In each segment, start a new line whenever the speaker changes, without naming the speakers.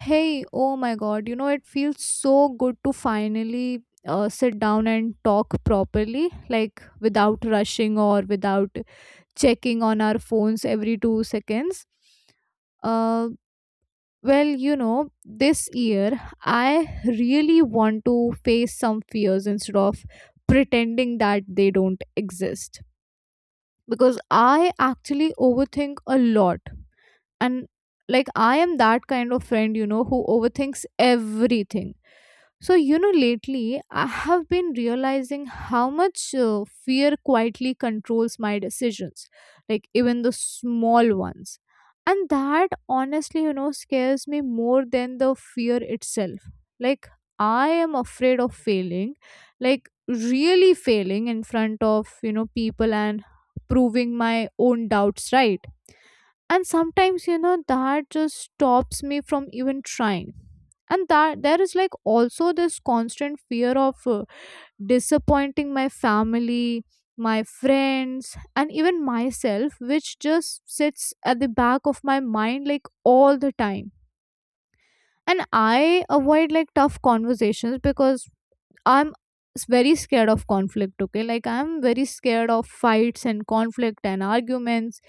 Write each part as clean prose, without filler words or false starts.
Hey, oh my god, it feels so good to finally sit down and talk properly, like without rushing or without checking on our phones every 2 seconds. Uh, well, this year I really want to face some fears instead of pretending that they don't exist, because I actually overthink a lot. And like, I am that kind of friend, who overthinks everything. So, lately I have been realizing how much fear quietly controls my decisions, like even the small ones. And that, honestly, scares me more than the fear itself. Like, I am afraid of failing, like really failing in front of people and proving my own doubts right. And sometimes, that just stops me from even trying. And that there is like also this constant fear of disappointing my family, my friends, and even myself, which just sits at the back of my mind like all the time. And I avoid like tough conversations because I'm very scared of conflict. Okay, like I'm very scared of fights and conflict and arguments,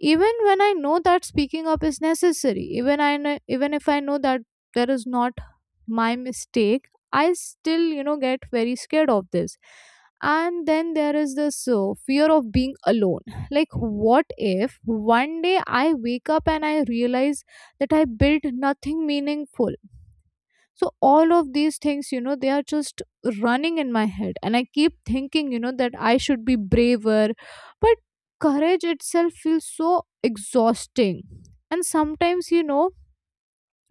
even when I know that speaking up is necessary. Even if I know that there is not my mistake, I still get very scared of this. And then there is this fear of being alone. Like, what if one day I wake up and I realize that I built nothing meaningful? So all of these things, they are just running in my head, and I keep thinking that I should be braver. But courage itself feels so exhausting. And sometimes you know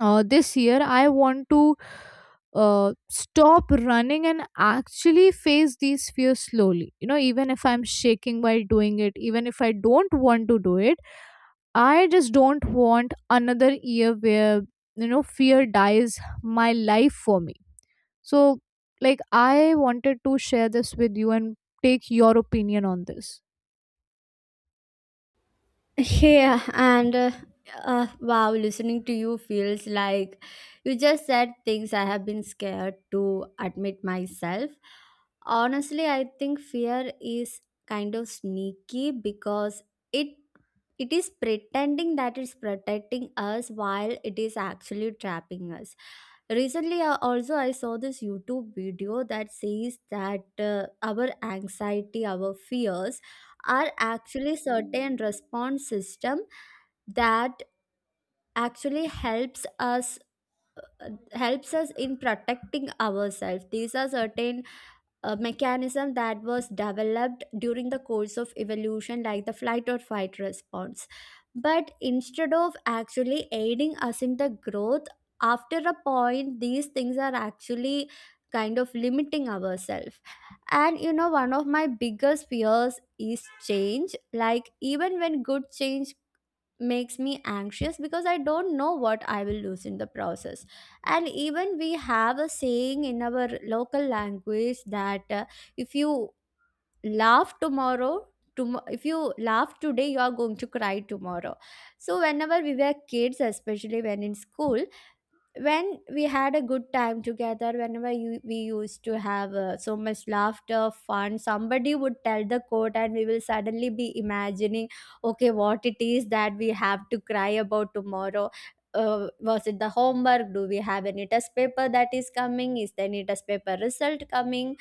uh, this year I want to stop running and actually face these fears slowly even if I'm shaking while doing it, even if I don't want to do it. I just don't want another year where fear dies my life for me. So, like, I wanted to share this with you and take your opinion on this.
Yeah, and wow, listening to you feels like you just said things I have been scared to admit myself. Honestly, I think fear is kind of sneaky because it it is pretending that it's protecting us while it is actually trapping us. Recently, also I saw this YouTube video that says that our anxiety, our fears are actually certain response system that actually helps us helps us in protecting ourselves, these are certain a mechanism that was developed during the course of evolution, like the flight or fight response. But instead of actually aiding us in the growth, after a point, these things are actually kind of limiting ourselves. And you know, one of my biggest fears is change. Like, even when good change makes me anxious because I don't know what I will lose in the process. And even we have a saying in our local language that if you laugh tomorrow, if you laugh today, you are going to cry tomorrow. So, whenever we were kids, especially when in school, when we had a good time together, we used to have so much laughter fun, somebody would tell the quote and we will suddenly be imagining, okay, what it is that we have to cry about tomorrow. Was it the homework, do we have any test paper that is coming, is there any test paper result coming?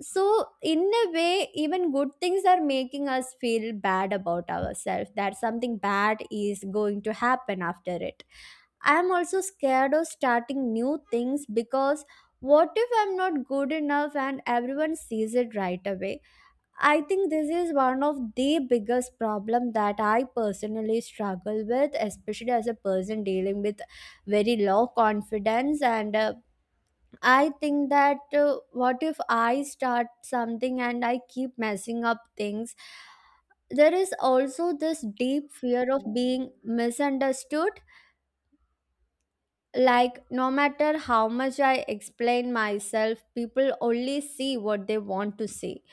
So, in a way, even good things are making us feel bad about ourselves, that something bad is going to happen after it. I'm also scared of starting new things because what if I'm not good enough and everyone sees it right away? I think this is one of the biggest problem that I personally struggle with, especially as a person dealing with very low confidence, and I think that, what if I start something and I keep messing up things? There is also this deep fear of being misunderstood. Like, no matter how much I explain myself, people only see what they want to see.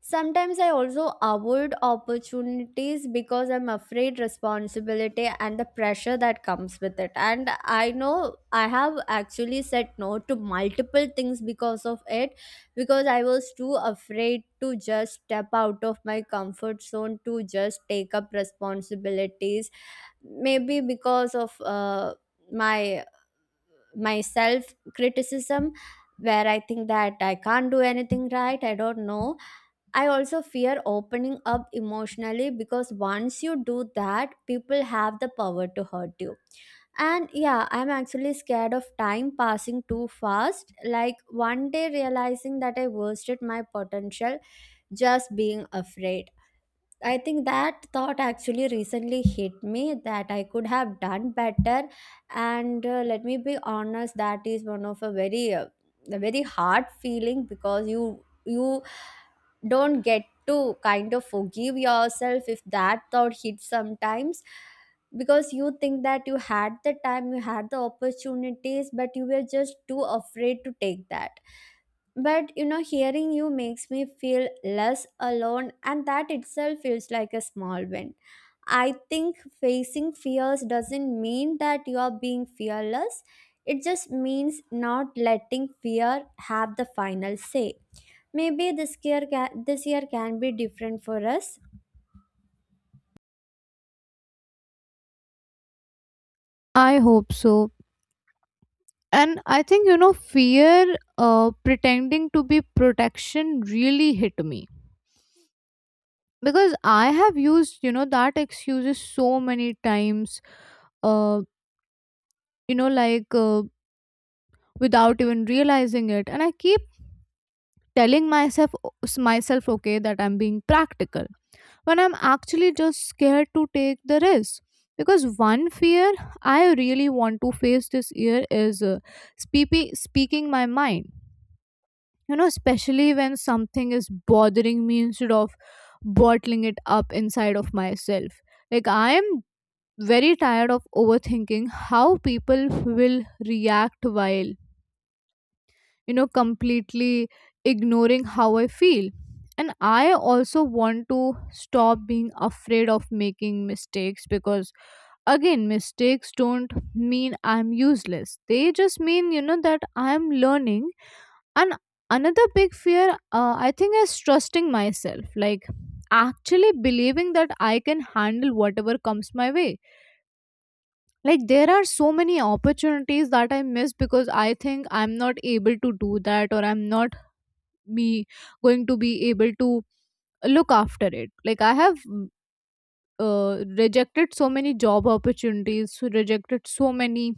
Sometimes I also avoid opportunities because I'm afraid responsibility and the pressure that comes with it. And I know I have actually said no to multiple things because of it, because I was too afraid to just step out of my comfort zone to just take up responsibilities. Maybe because of my my self criticism, where I think that I can't do anything right. I don't know. I also fear opening up emotionally, because once you do that, people have the power to hurt you. And yeah, I'm actually scared of time passing too fast. Like, one day realizing that I wasted my potential just being afraid. I think that thought actually recently hit me, that I could have done better. And let me be honest, that is one of a a very hard feeling, because you don't get to kind of forgive yourself if that thought hits sometimes, because you think that you had the time, you had the opportunities, but you were just too afraid to take that. But you know, hearing you makes me feel less alone, and that itself feels like a small win. I think facing fears doesn't mean that you are being fearless, it just means not letting fear have the final say. Maybe this year, this year can be different for us.
I hope so. And I think, fear pretending to be protection really hit me, because I have used, that excuses so many times, uh, like without even realizing it. And I keep telling myself, okay, that I'm being practical when I'm actually just scared to take the risk. Because one fear I really want to face this year is speaking my mind. Especially when something is bothering me, instead of bottling it up inside of myself. Like, I am very tired of overthinking how people will react while completely ignoring how I feel. And I also want to stop being afraid of making mistakes, because again, mistakes don't mean I'm useless. They just mean that I'm learning. And another big fear, I think, is trusting myself, like actually believing that I can handle whatever comes my way. Like, there are so many opportunities that I miss because I think I'm not able to do that, or I'm not me going to be able to look after it. Like, I have rejected so many job opportunities, rejected so many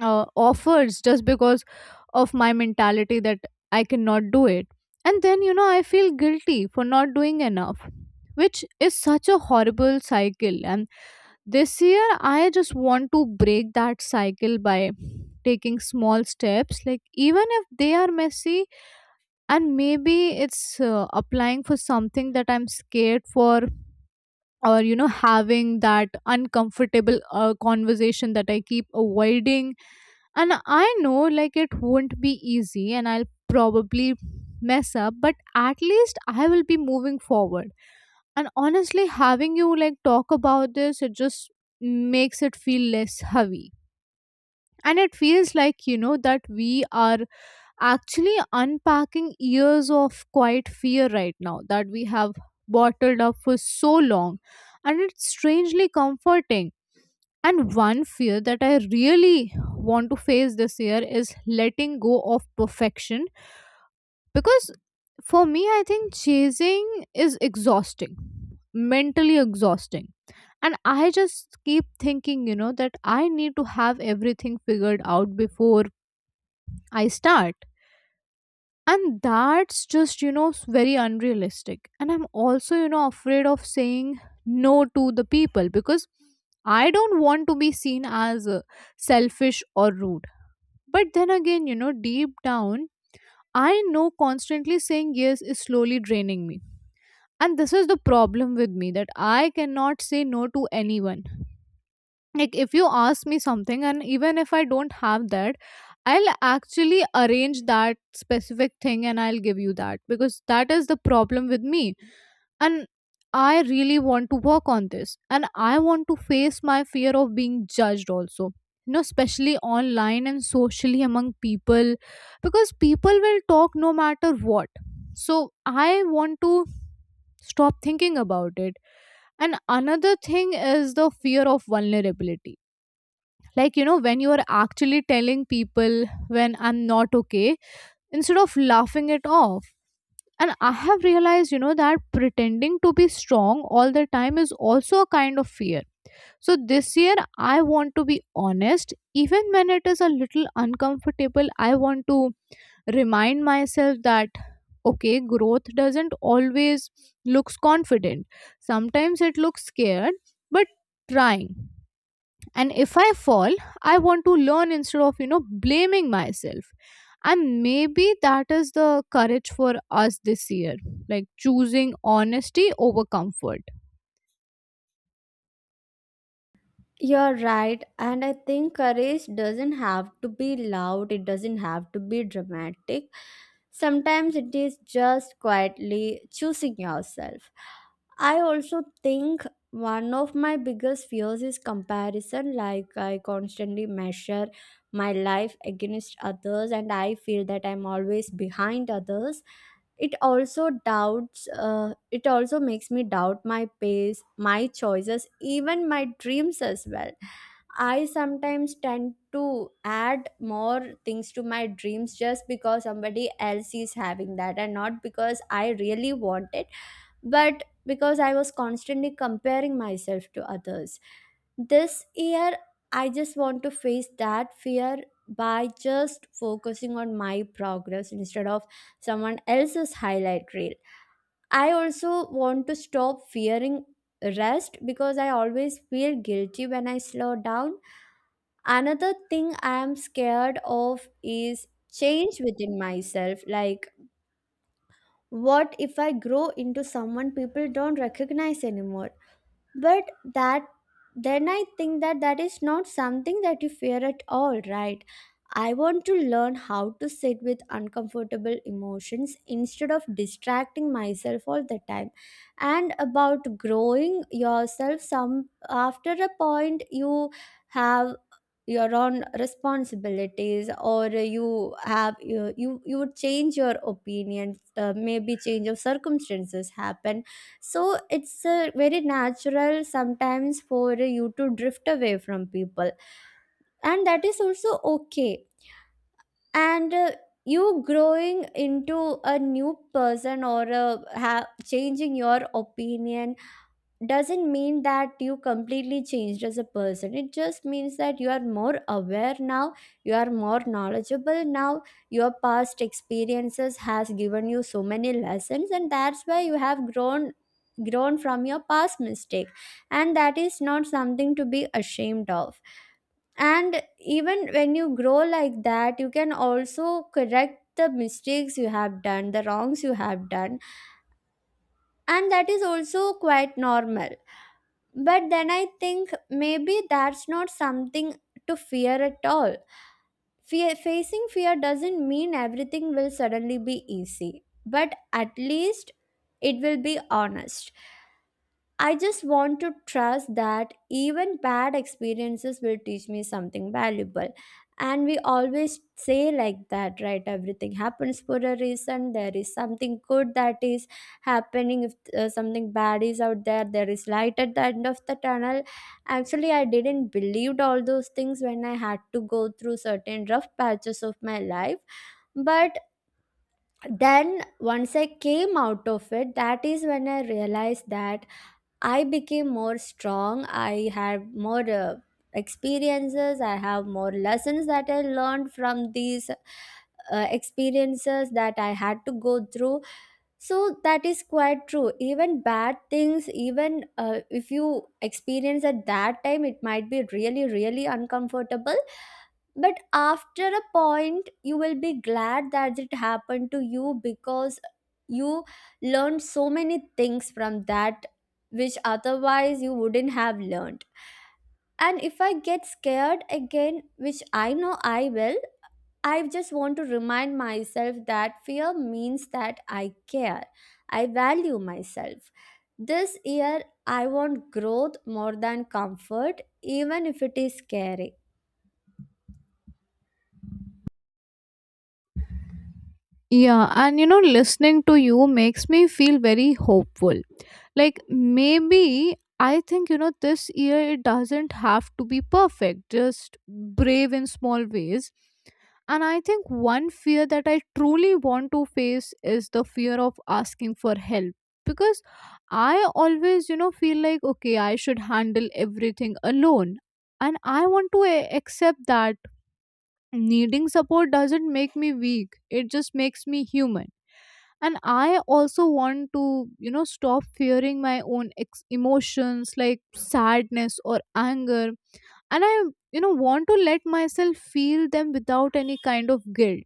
offers, just because of my mentality that I cannot do it. And then I feel guilty for not doing enough, which is such a horrible cycle. And this year I just want to break that cycle by taking small steps, like even if they are messy. And maybe it's applying for something that I'm scared for, or having that uncomfortable conversation that I keep avoiding. And I know, like, it won't be easy, and I'll probably mess up, but at least I will be moving forward. And honestly, having you like talk about this, it just makes it feel less heavy. And it feels like that we are actually unpacking years of quiet fear right now that we have bottled up for so long. And it's strangely comforting. And one fear that I really want to face this year is letting go of perfection, because for me, I think chasing is exhausting, mentally exhausting. And I just keep thinking, that I need to have everything figured out before I start. And that's just very unrealistic. And I'm also afraid of saying no to the people, because I don't want to be seen as selfish or rude. But then again deep down, I know constantly saying yes is slowly draining me. And this is the problem with me, that I cannot say no to anyone. Like if you ask me something, and even if I don't have that, I'll actually arrange that specific thing and I'll give you that, because that is the problem with me. And I really want to work on this, and I want to face my fear of being judged also, especially online and socially among people, because people will talk no matter what. So I want to stop thinking about it. And another thing is the fear of vulnerability, like, when you are actually telling people when I'm not okay, instead of laughing it off. And I have realized, that pretending to be strong all the time is also a kind of fear. So this year, I want to be honest. Even when it is a little uncomfortable, I want to remind myself that, okay, growth doesn't always looks confident. Sometimes it looks scared, but trying. And if I fall, I want to learn instead of blaming myself. And maybe that is the courage for us this year, like choosing honesty over comfort.
You're right, and I think courage doesn't have to be loud, it doesn't have to be dramatic. Sometimes it is just quietly choosing yourself. I also think one of my biggest fears is comparison. Like, I constantly measure my life against others, and I feel that I'm always behind others. It also makes me doubt my pace, my choices, even my dreams as well. I sometimes tend to add more things to my dreams just because somebody else is having that, and not because I really want it, but because I was constantly comparing myself to others. This year, I just want to face that fear by just focusing on my progress instead of someone else's highlight reel. I also want to stop fearing rest, because I always feel guilty when I slow down. Another thing I am scared of is change within myself. Like, what if I grow into someone people don't recognize anymore? But that then I think that is not something that you fear at all, right? I want to learn how to sit with uncomfortable emotions instead of distracting myself all the time. And about growing yourself, some after a point, you have your own responsibilities, or you have you would change your opinions, maybe change of circumstances happen, so it's very natural sometimes for you to drift away from people, and that is also okay. And you growing into a new person or changing your opinion doesn't mean that you completely changed as a person, it just means that you are more aware now, you are more knowledgeable now, your past experiences has given you so many lessons, and that's why you have grown from your past mistake, and that is not something to be ashamed of. And even when you grow like that, you can also correct the mistakes you have done, the wrongs you have done, and that is also quite normal. But then I think maybe that's not something to fear at all. Fear, facing fear doesn't mean everything will suddenly be easy, but at least it will be honest. I just want to trust that even bad experiences will teach me something valuable. And we always say like that, right? Everything happens for a reason. There is something good that is happening. If something bad is out there, there is light at the end of the tunnel. Actually, I didn't believe all those things when I had to go through certain rough patches of my life. But then once I came out of it, that is when I realized that I became more strong. I had more experiences. I have more lessons that I learned from these experiences that I had to go through, so that is quite true. Even bad things, even if you experience at that time, it might be really, really uncomfortable. But after a point, you will be glad that it happened to you, because you learned so many things from that which otherwise you wouldn't have learned. And if I get scared again, which I know I will, I just want to remind myself that fear means that I care. I value myself. This year, I want growth more than comfort, even if it is scary.
Yeah, and listening to you makes me feel very hopeful. Like, maybe I think, this year it doesn't have to be perfect, just brave in small ways. And I think one fear that I truly want to face is the fear of asking for help. Because I always, feel like, okay, I should handle everything alone. And I want to accept that needing support doesn't make me weak, it just makes me human. And I also want to, stop fearing my own emotions, like sadness or anger. And I, want to let myself feel them without any kind of guilt.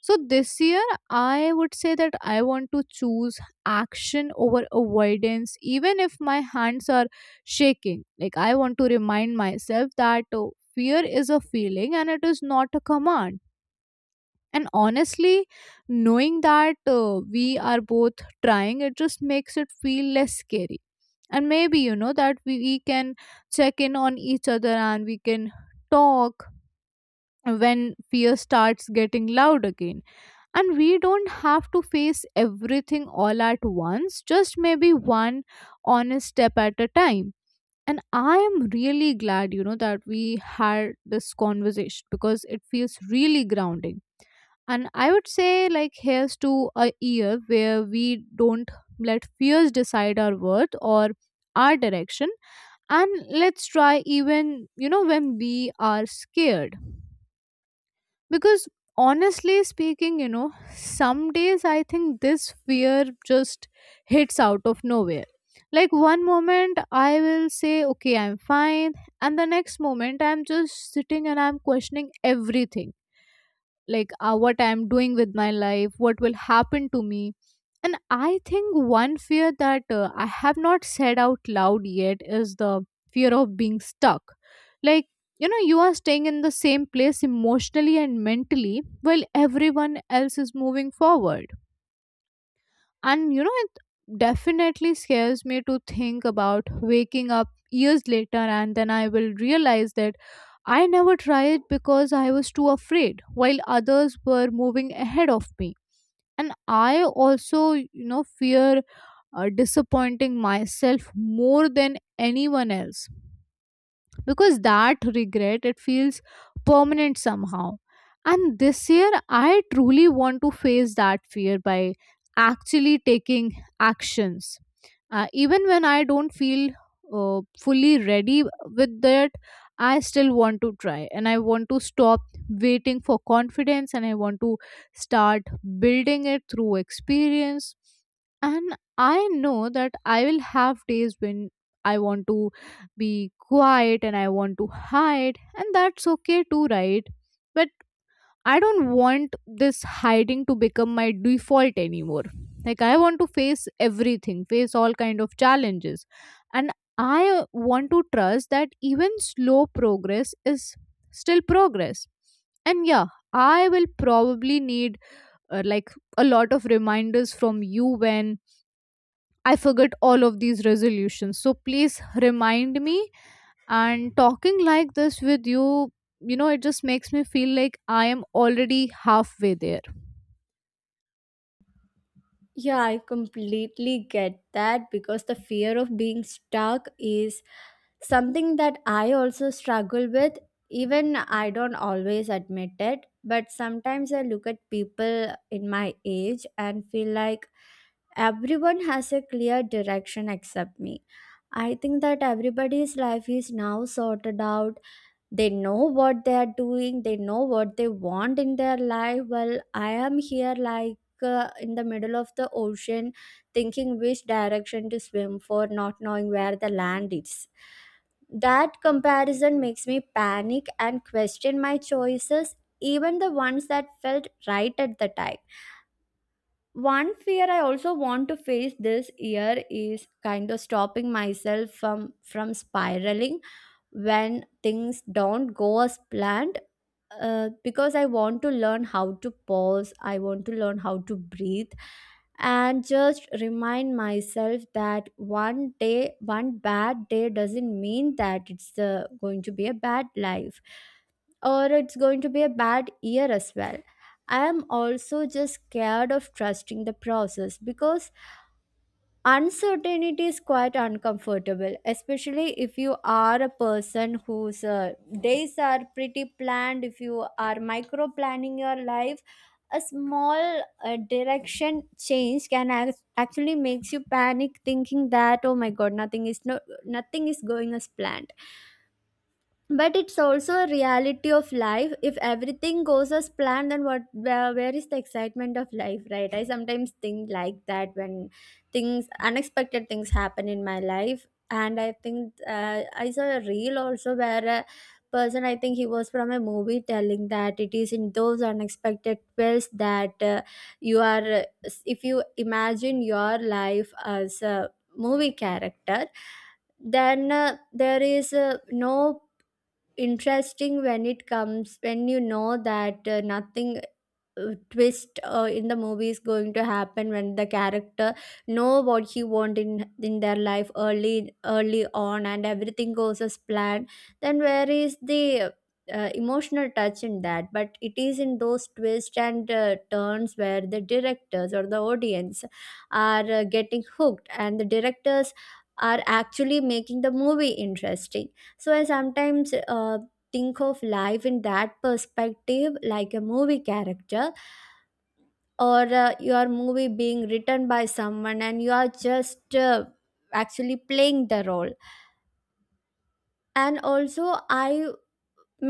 So this year, I would say that I want to choose action over avoidance, even if my hands are shaking. Like, I want to remind myself that, oh, fear is a feeling and it is not a command. And honestly, knowing that we are both trying, it just makes it feel less scary. And maybe that we can check in on each other, and we can talk when fear starts getting loud again. And we don't have to face everything all at once, just maybe one honest step at a time. And I am really glad that we had this conversation, because it feels really grounding. And I would say, like, here's to a year where we don't let fears decide our worth or our direction. And let's try even, when we are scared. Because honestly speaking, some days I think this fear just hits out of nowhere. Like, one moment I will say, okay, I'm fine. And the next moment I'm just sitting and I'm questioning everything, like what I'm doing with my life, what will happen to me. And I think one fear that I have not said out loud yet is the fear of being stuck. Like you are staying in the same place emotionally and mentally while everyone else is moving forward. And it definitely scares me to think about waking up years later and then I will realize that I never tried because I was too afraid, while others were moving ahead of me. And I also, fear disappointing myself more than anyone else. Because that regret, it feels permanent somehow. And this year I truly want to face that fear by actually taking actions, even when I don't feel fully ready. With that, I still want to try. And I want to stop waiting for confidence, and I want to start building it through experience. And I know that I will have days when I want to be quiet and I want to hide, and that's okay too, right? But I don't want this hiding to become my default anymore. Like, I want to face everything, face all kind of challenges. And I want to trust that even slow progress is still progress. And yeah, I will probably need like a lot of reminders from you when I forget all of these resolutions. So please remind me and talking like this with you, you know, it just makes me feel like I am already halfway there.
Yeah, I completely get that, because the fear of being stuck is something that I also struggle with. Even I don't always admit it, but sometimes I look at people in my age and feel like everyone has a clear direction except me. I think that everybody's life is now sorted out. They know what they are doing, they know what they want in their life. Well, I am here like in the middle of the ocean, thinking which direction to swim for, not knowing where the land is. That comparison makes me panic and question my choices, even the ones that felt right at the time. One fear I also want to face this year is kind of stopping myself from spiraling when things don't go as planned, because I want to learn how to pause, I want to learn how to breathe, and just remind myself that one bad day doesn't mean that it's going to be a bad life or it's going to be a bad year as well. I am also just scared of trusting the process because uncertainty is quite uncomfortable, especially if you are a person whose days are pretty planned, if you are micro planning your life. A small direction change can actually makes you panic, thinking that oh my god, nothing is going as planned. But it's also a reality of life. If everything goes as planned, then where is the excitement of life, right? I sometimes think like that when things unexpected things happen in my life. And I think, I saw a reel also where a person, I think he was from a movie, telling that it is in those unexpected twists that you are if you imagine your life as a movie character, then there is no interesting when it comes, when you know that nothing twist in the movie is going to happen when the character know what he want in their life early on and everything goes as planned, then where is the emotional touch in that? But it is in those twists and turns where the directors or the audience are getting hooked and the directors are actually making the movie interesting. So I sometimes think of life in that perspective, like a movie character or your movie being written by someone and you are just actually playing the role. And also I,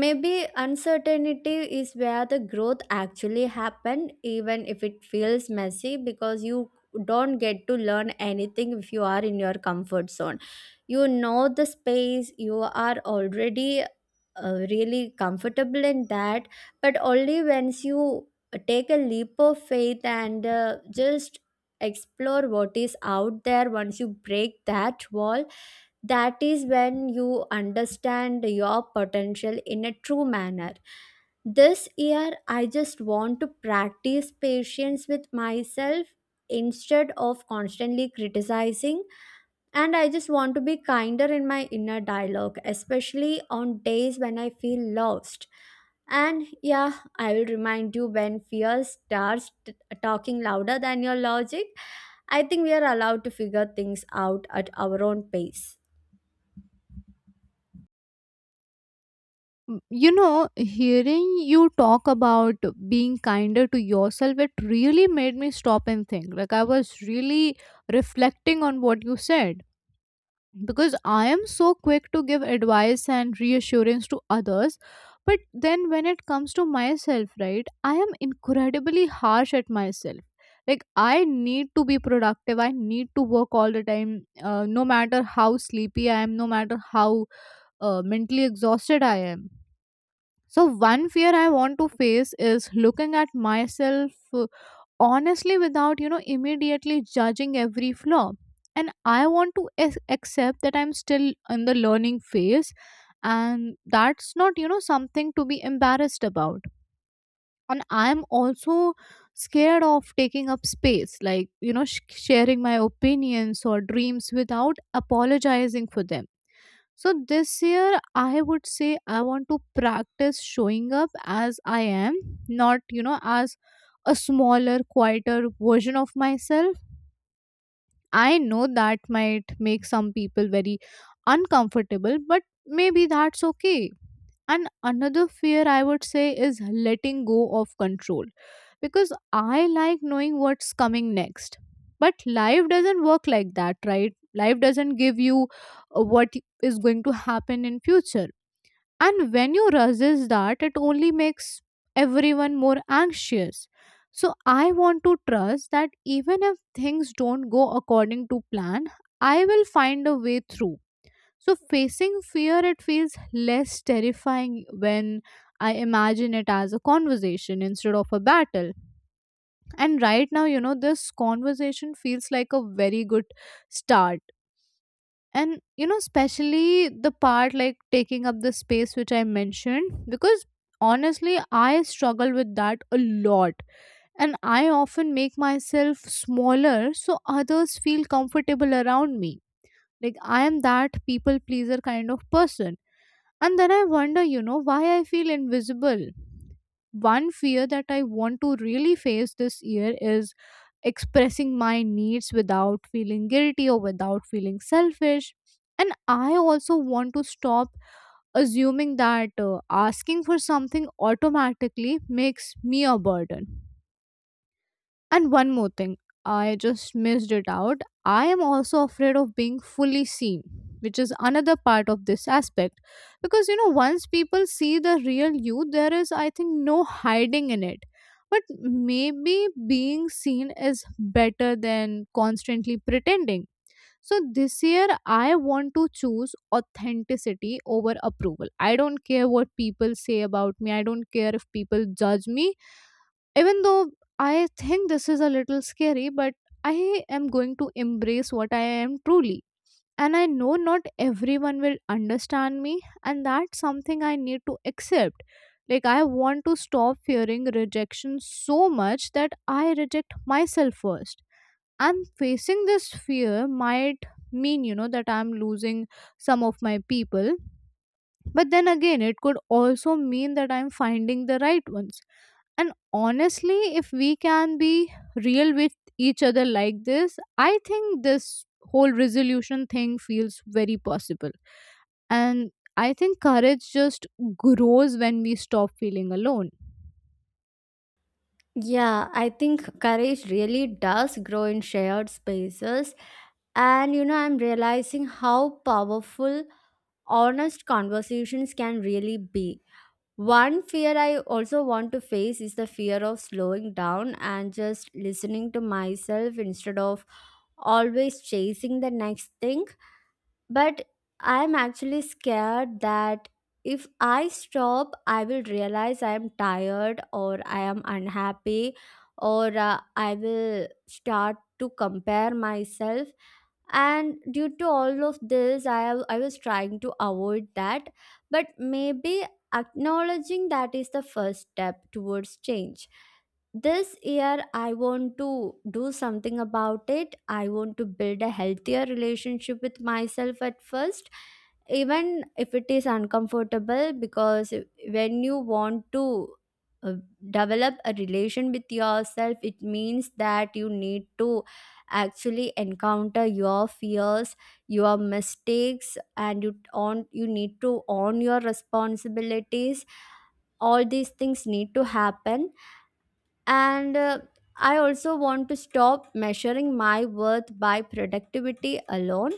maybe uncertainty is where the growth actually happen, even if it feels messy, because you don't get to learn anything if you are in your comfort zone. You know, the space you are already really comfortable in that. But only once you take a leap of faith and just explore what is out there, once you break that wall, that is when you understand your potential in a true manner. This year I just want to practice patience with myself instead of constantly criticizing, and I just want to be kinder in my inner dialogue, especially on days when I feel lost. And yeah, I will remind you when fear starts talking louder than your logic. I think we are allowed to figure things out at our own pace.
You know, hearing you talk about being kinder to yourself, it really made me stop and think. Like, I was really reflecting on what you said, because I am so quick to give advice and reassurance to others. But then when it comes to myself, right, I am incredibly harsh at myself. Like, I need to be productive. I need to work all the time, no matter how sleepy I am, no matter how mentally exhausted I am. So, one fear I want to face is looking at myself honestly without you know immediately judging every flaw, and I want to accept that I'm still in the learning phase, and that's not, you know, something to be embarrassed about. And I'm also scared of taking up space, like, you know, sharing my opinions or dreams without apologizing for them. So this year, I would say I want to practice showing up as I am, not, you know, as a smaller, quieter version of myself. I know that might make some people very uncomfortable, but maybe that's okay. And another fear I would say is letting go of control, because I like knowing what's coming next. But life doesn't work like that, right? Life doesn't give you what is going to happen in future, and when you resist that, it only makes everyone more anxious. So I want to trust that even if things don't go according to plan, I will find a way through. So facing fear, it feels less terrifying when I imagine it as a conversation instead of a battle. And right now, you know, this conversation feels like a very good start. And you know, especially the part like taking up the space which I mentioned, because honestly I struggle with that a lot, and I often make myself smaller so others feel comfortable around me. Like, I am that people pleaser kind of person, and then I wonder, you know, why I feel invisible. One fear that I want to really face this year is expressing my needs without feeling guilty or without feeling selfish. And I also want to stop assuming that asking for something automatically makes me a burden. And one more thing, I just missed it out. I am also afraid of being fully seen, which is another part of this aspect. Because, you know, once people see the real you, there is, I think, no hiding in it. But maybe being seen is better than constantly pretending. So this year, I want to choose authenticity over approval. I don't care what people say about me. I don't care if people judge me, even though I think this is a little scary, but I am going to embrace what I am truly. And I know not everyone will understand me, and that's something I need to accept. Like, I want to stop fearing rejection so much that I reject myself first. And facing this fear might mean, you know, that I'm losing some of my people, but then again, it could also mean that I'm finding the right ones. And honestly, if we can be real with each other like this, I think this whole resolution thing feels very possible. And I think courage just grows when we stop feeling alone.
Yeah, I think courage really does grow in shared spaces. And you know, I'm realizing how powerful honest conversations can really be. One fear I also want to face is the fear of slowing down and just listening to myself instead of always chasing the next thing. But I'm actually scared that if I stop, I will realize I'm tired or I am unhappy, or I will start to compare myself. And due to all of this I was trying to avoid that. But maybe acknowledging that is the first step towards change. This year I want to do something about it. I want to build a healthier relationship with myself at first, even if it is uncomfortable. Because when you want to uh, develop a relation with yourself, it means that you need to actually encounter your fears, your mistakes, and you need to own your responsibilities. All these things need to happen. And I also want to stop measuring my worth by productivity alone.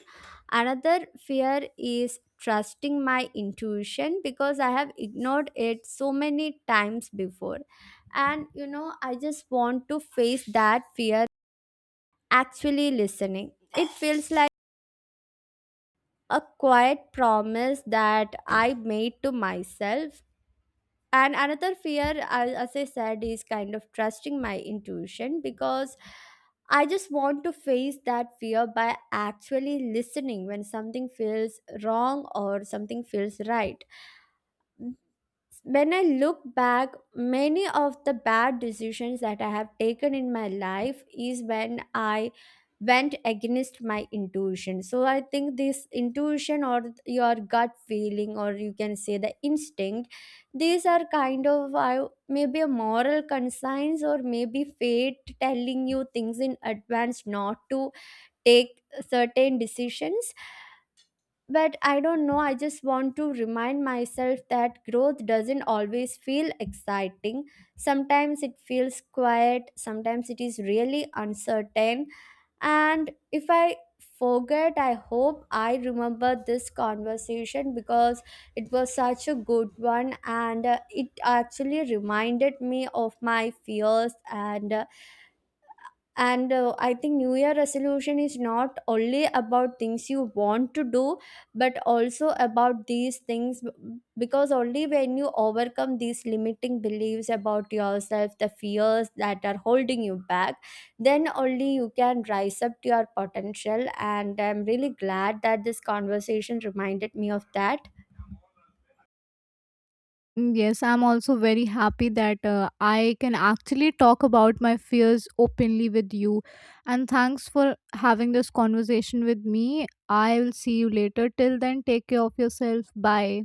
Another fear is trusting my intuition because I have ignored it so many times before, and you know, I just want to face that fear actually listening. It feels like a quiet promise that I made to myself. And another fear, as I said, is kind of trusting my intuition, because I just want to face that fear by actually listening when something feels wrong or something feels right. When I look back, many of the bad decisions that I have taken in my life is when I went against my intuition. So I think this intuition or your gut feeling, or you can say the instinct, these are kind of I maybe a moral conscience or maybe fate telling you things in advance not to take certain decisions. But I don't know, I just want to remind myself that growth doesn't always feel exciting. Sometimes it feels quiet, sometimes it is really uncertain. And if I forget, I hope I remember this conversation, because it was such a good one. And it actually reminded me of my fears. And I think new year resolution is not only about things you want to do, but also about these things, because only when you overcome these limiting beliefs about yourself, the fears that are holding you back, then only you can rise up to your potential. And I'm really glad that this conversation reminded me of that.
Mm, yes, I'm also very happy that I can actually talk about my fears openly with you. And thanks for having this conversation with me. I will see you later. Till then, take care of yourself. Bye.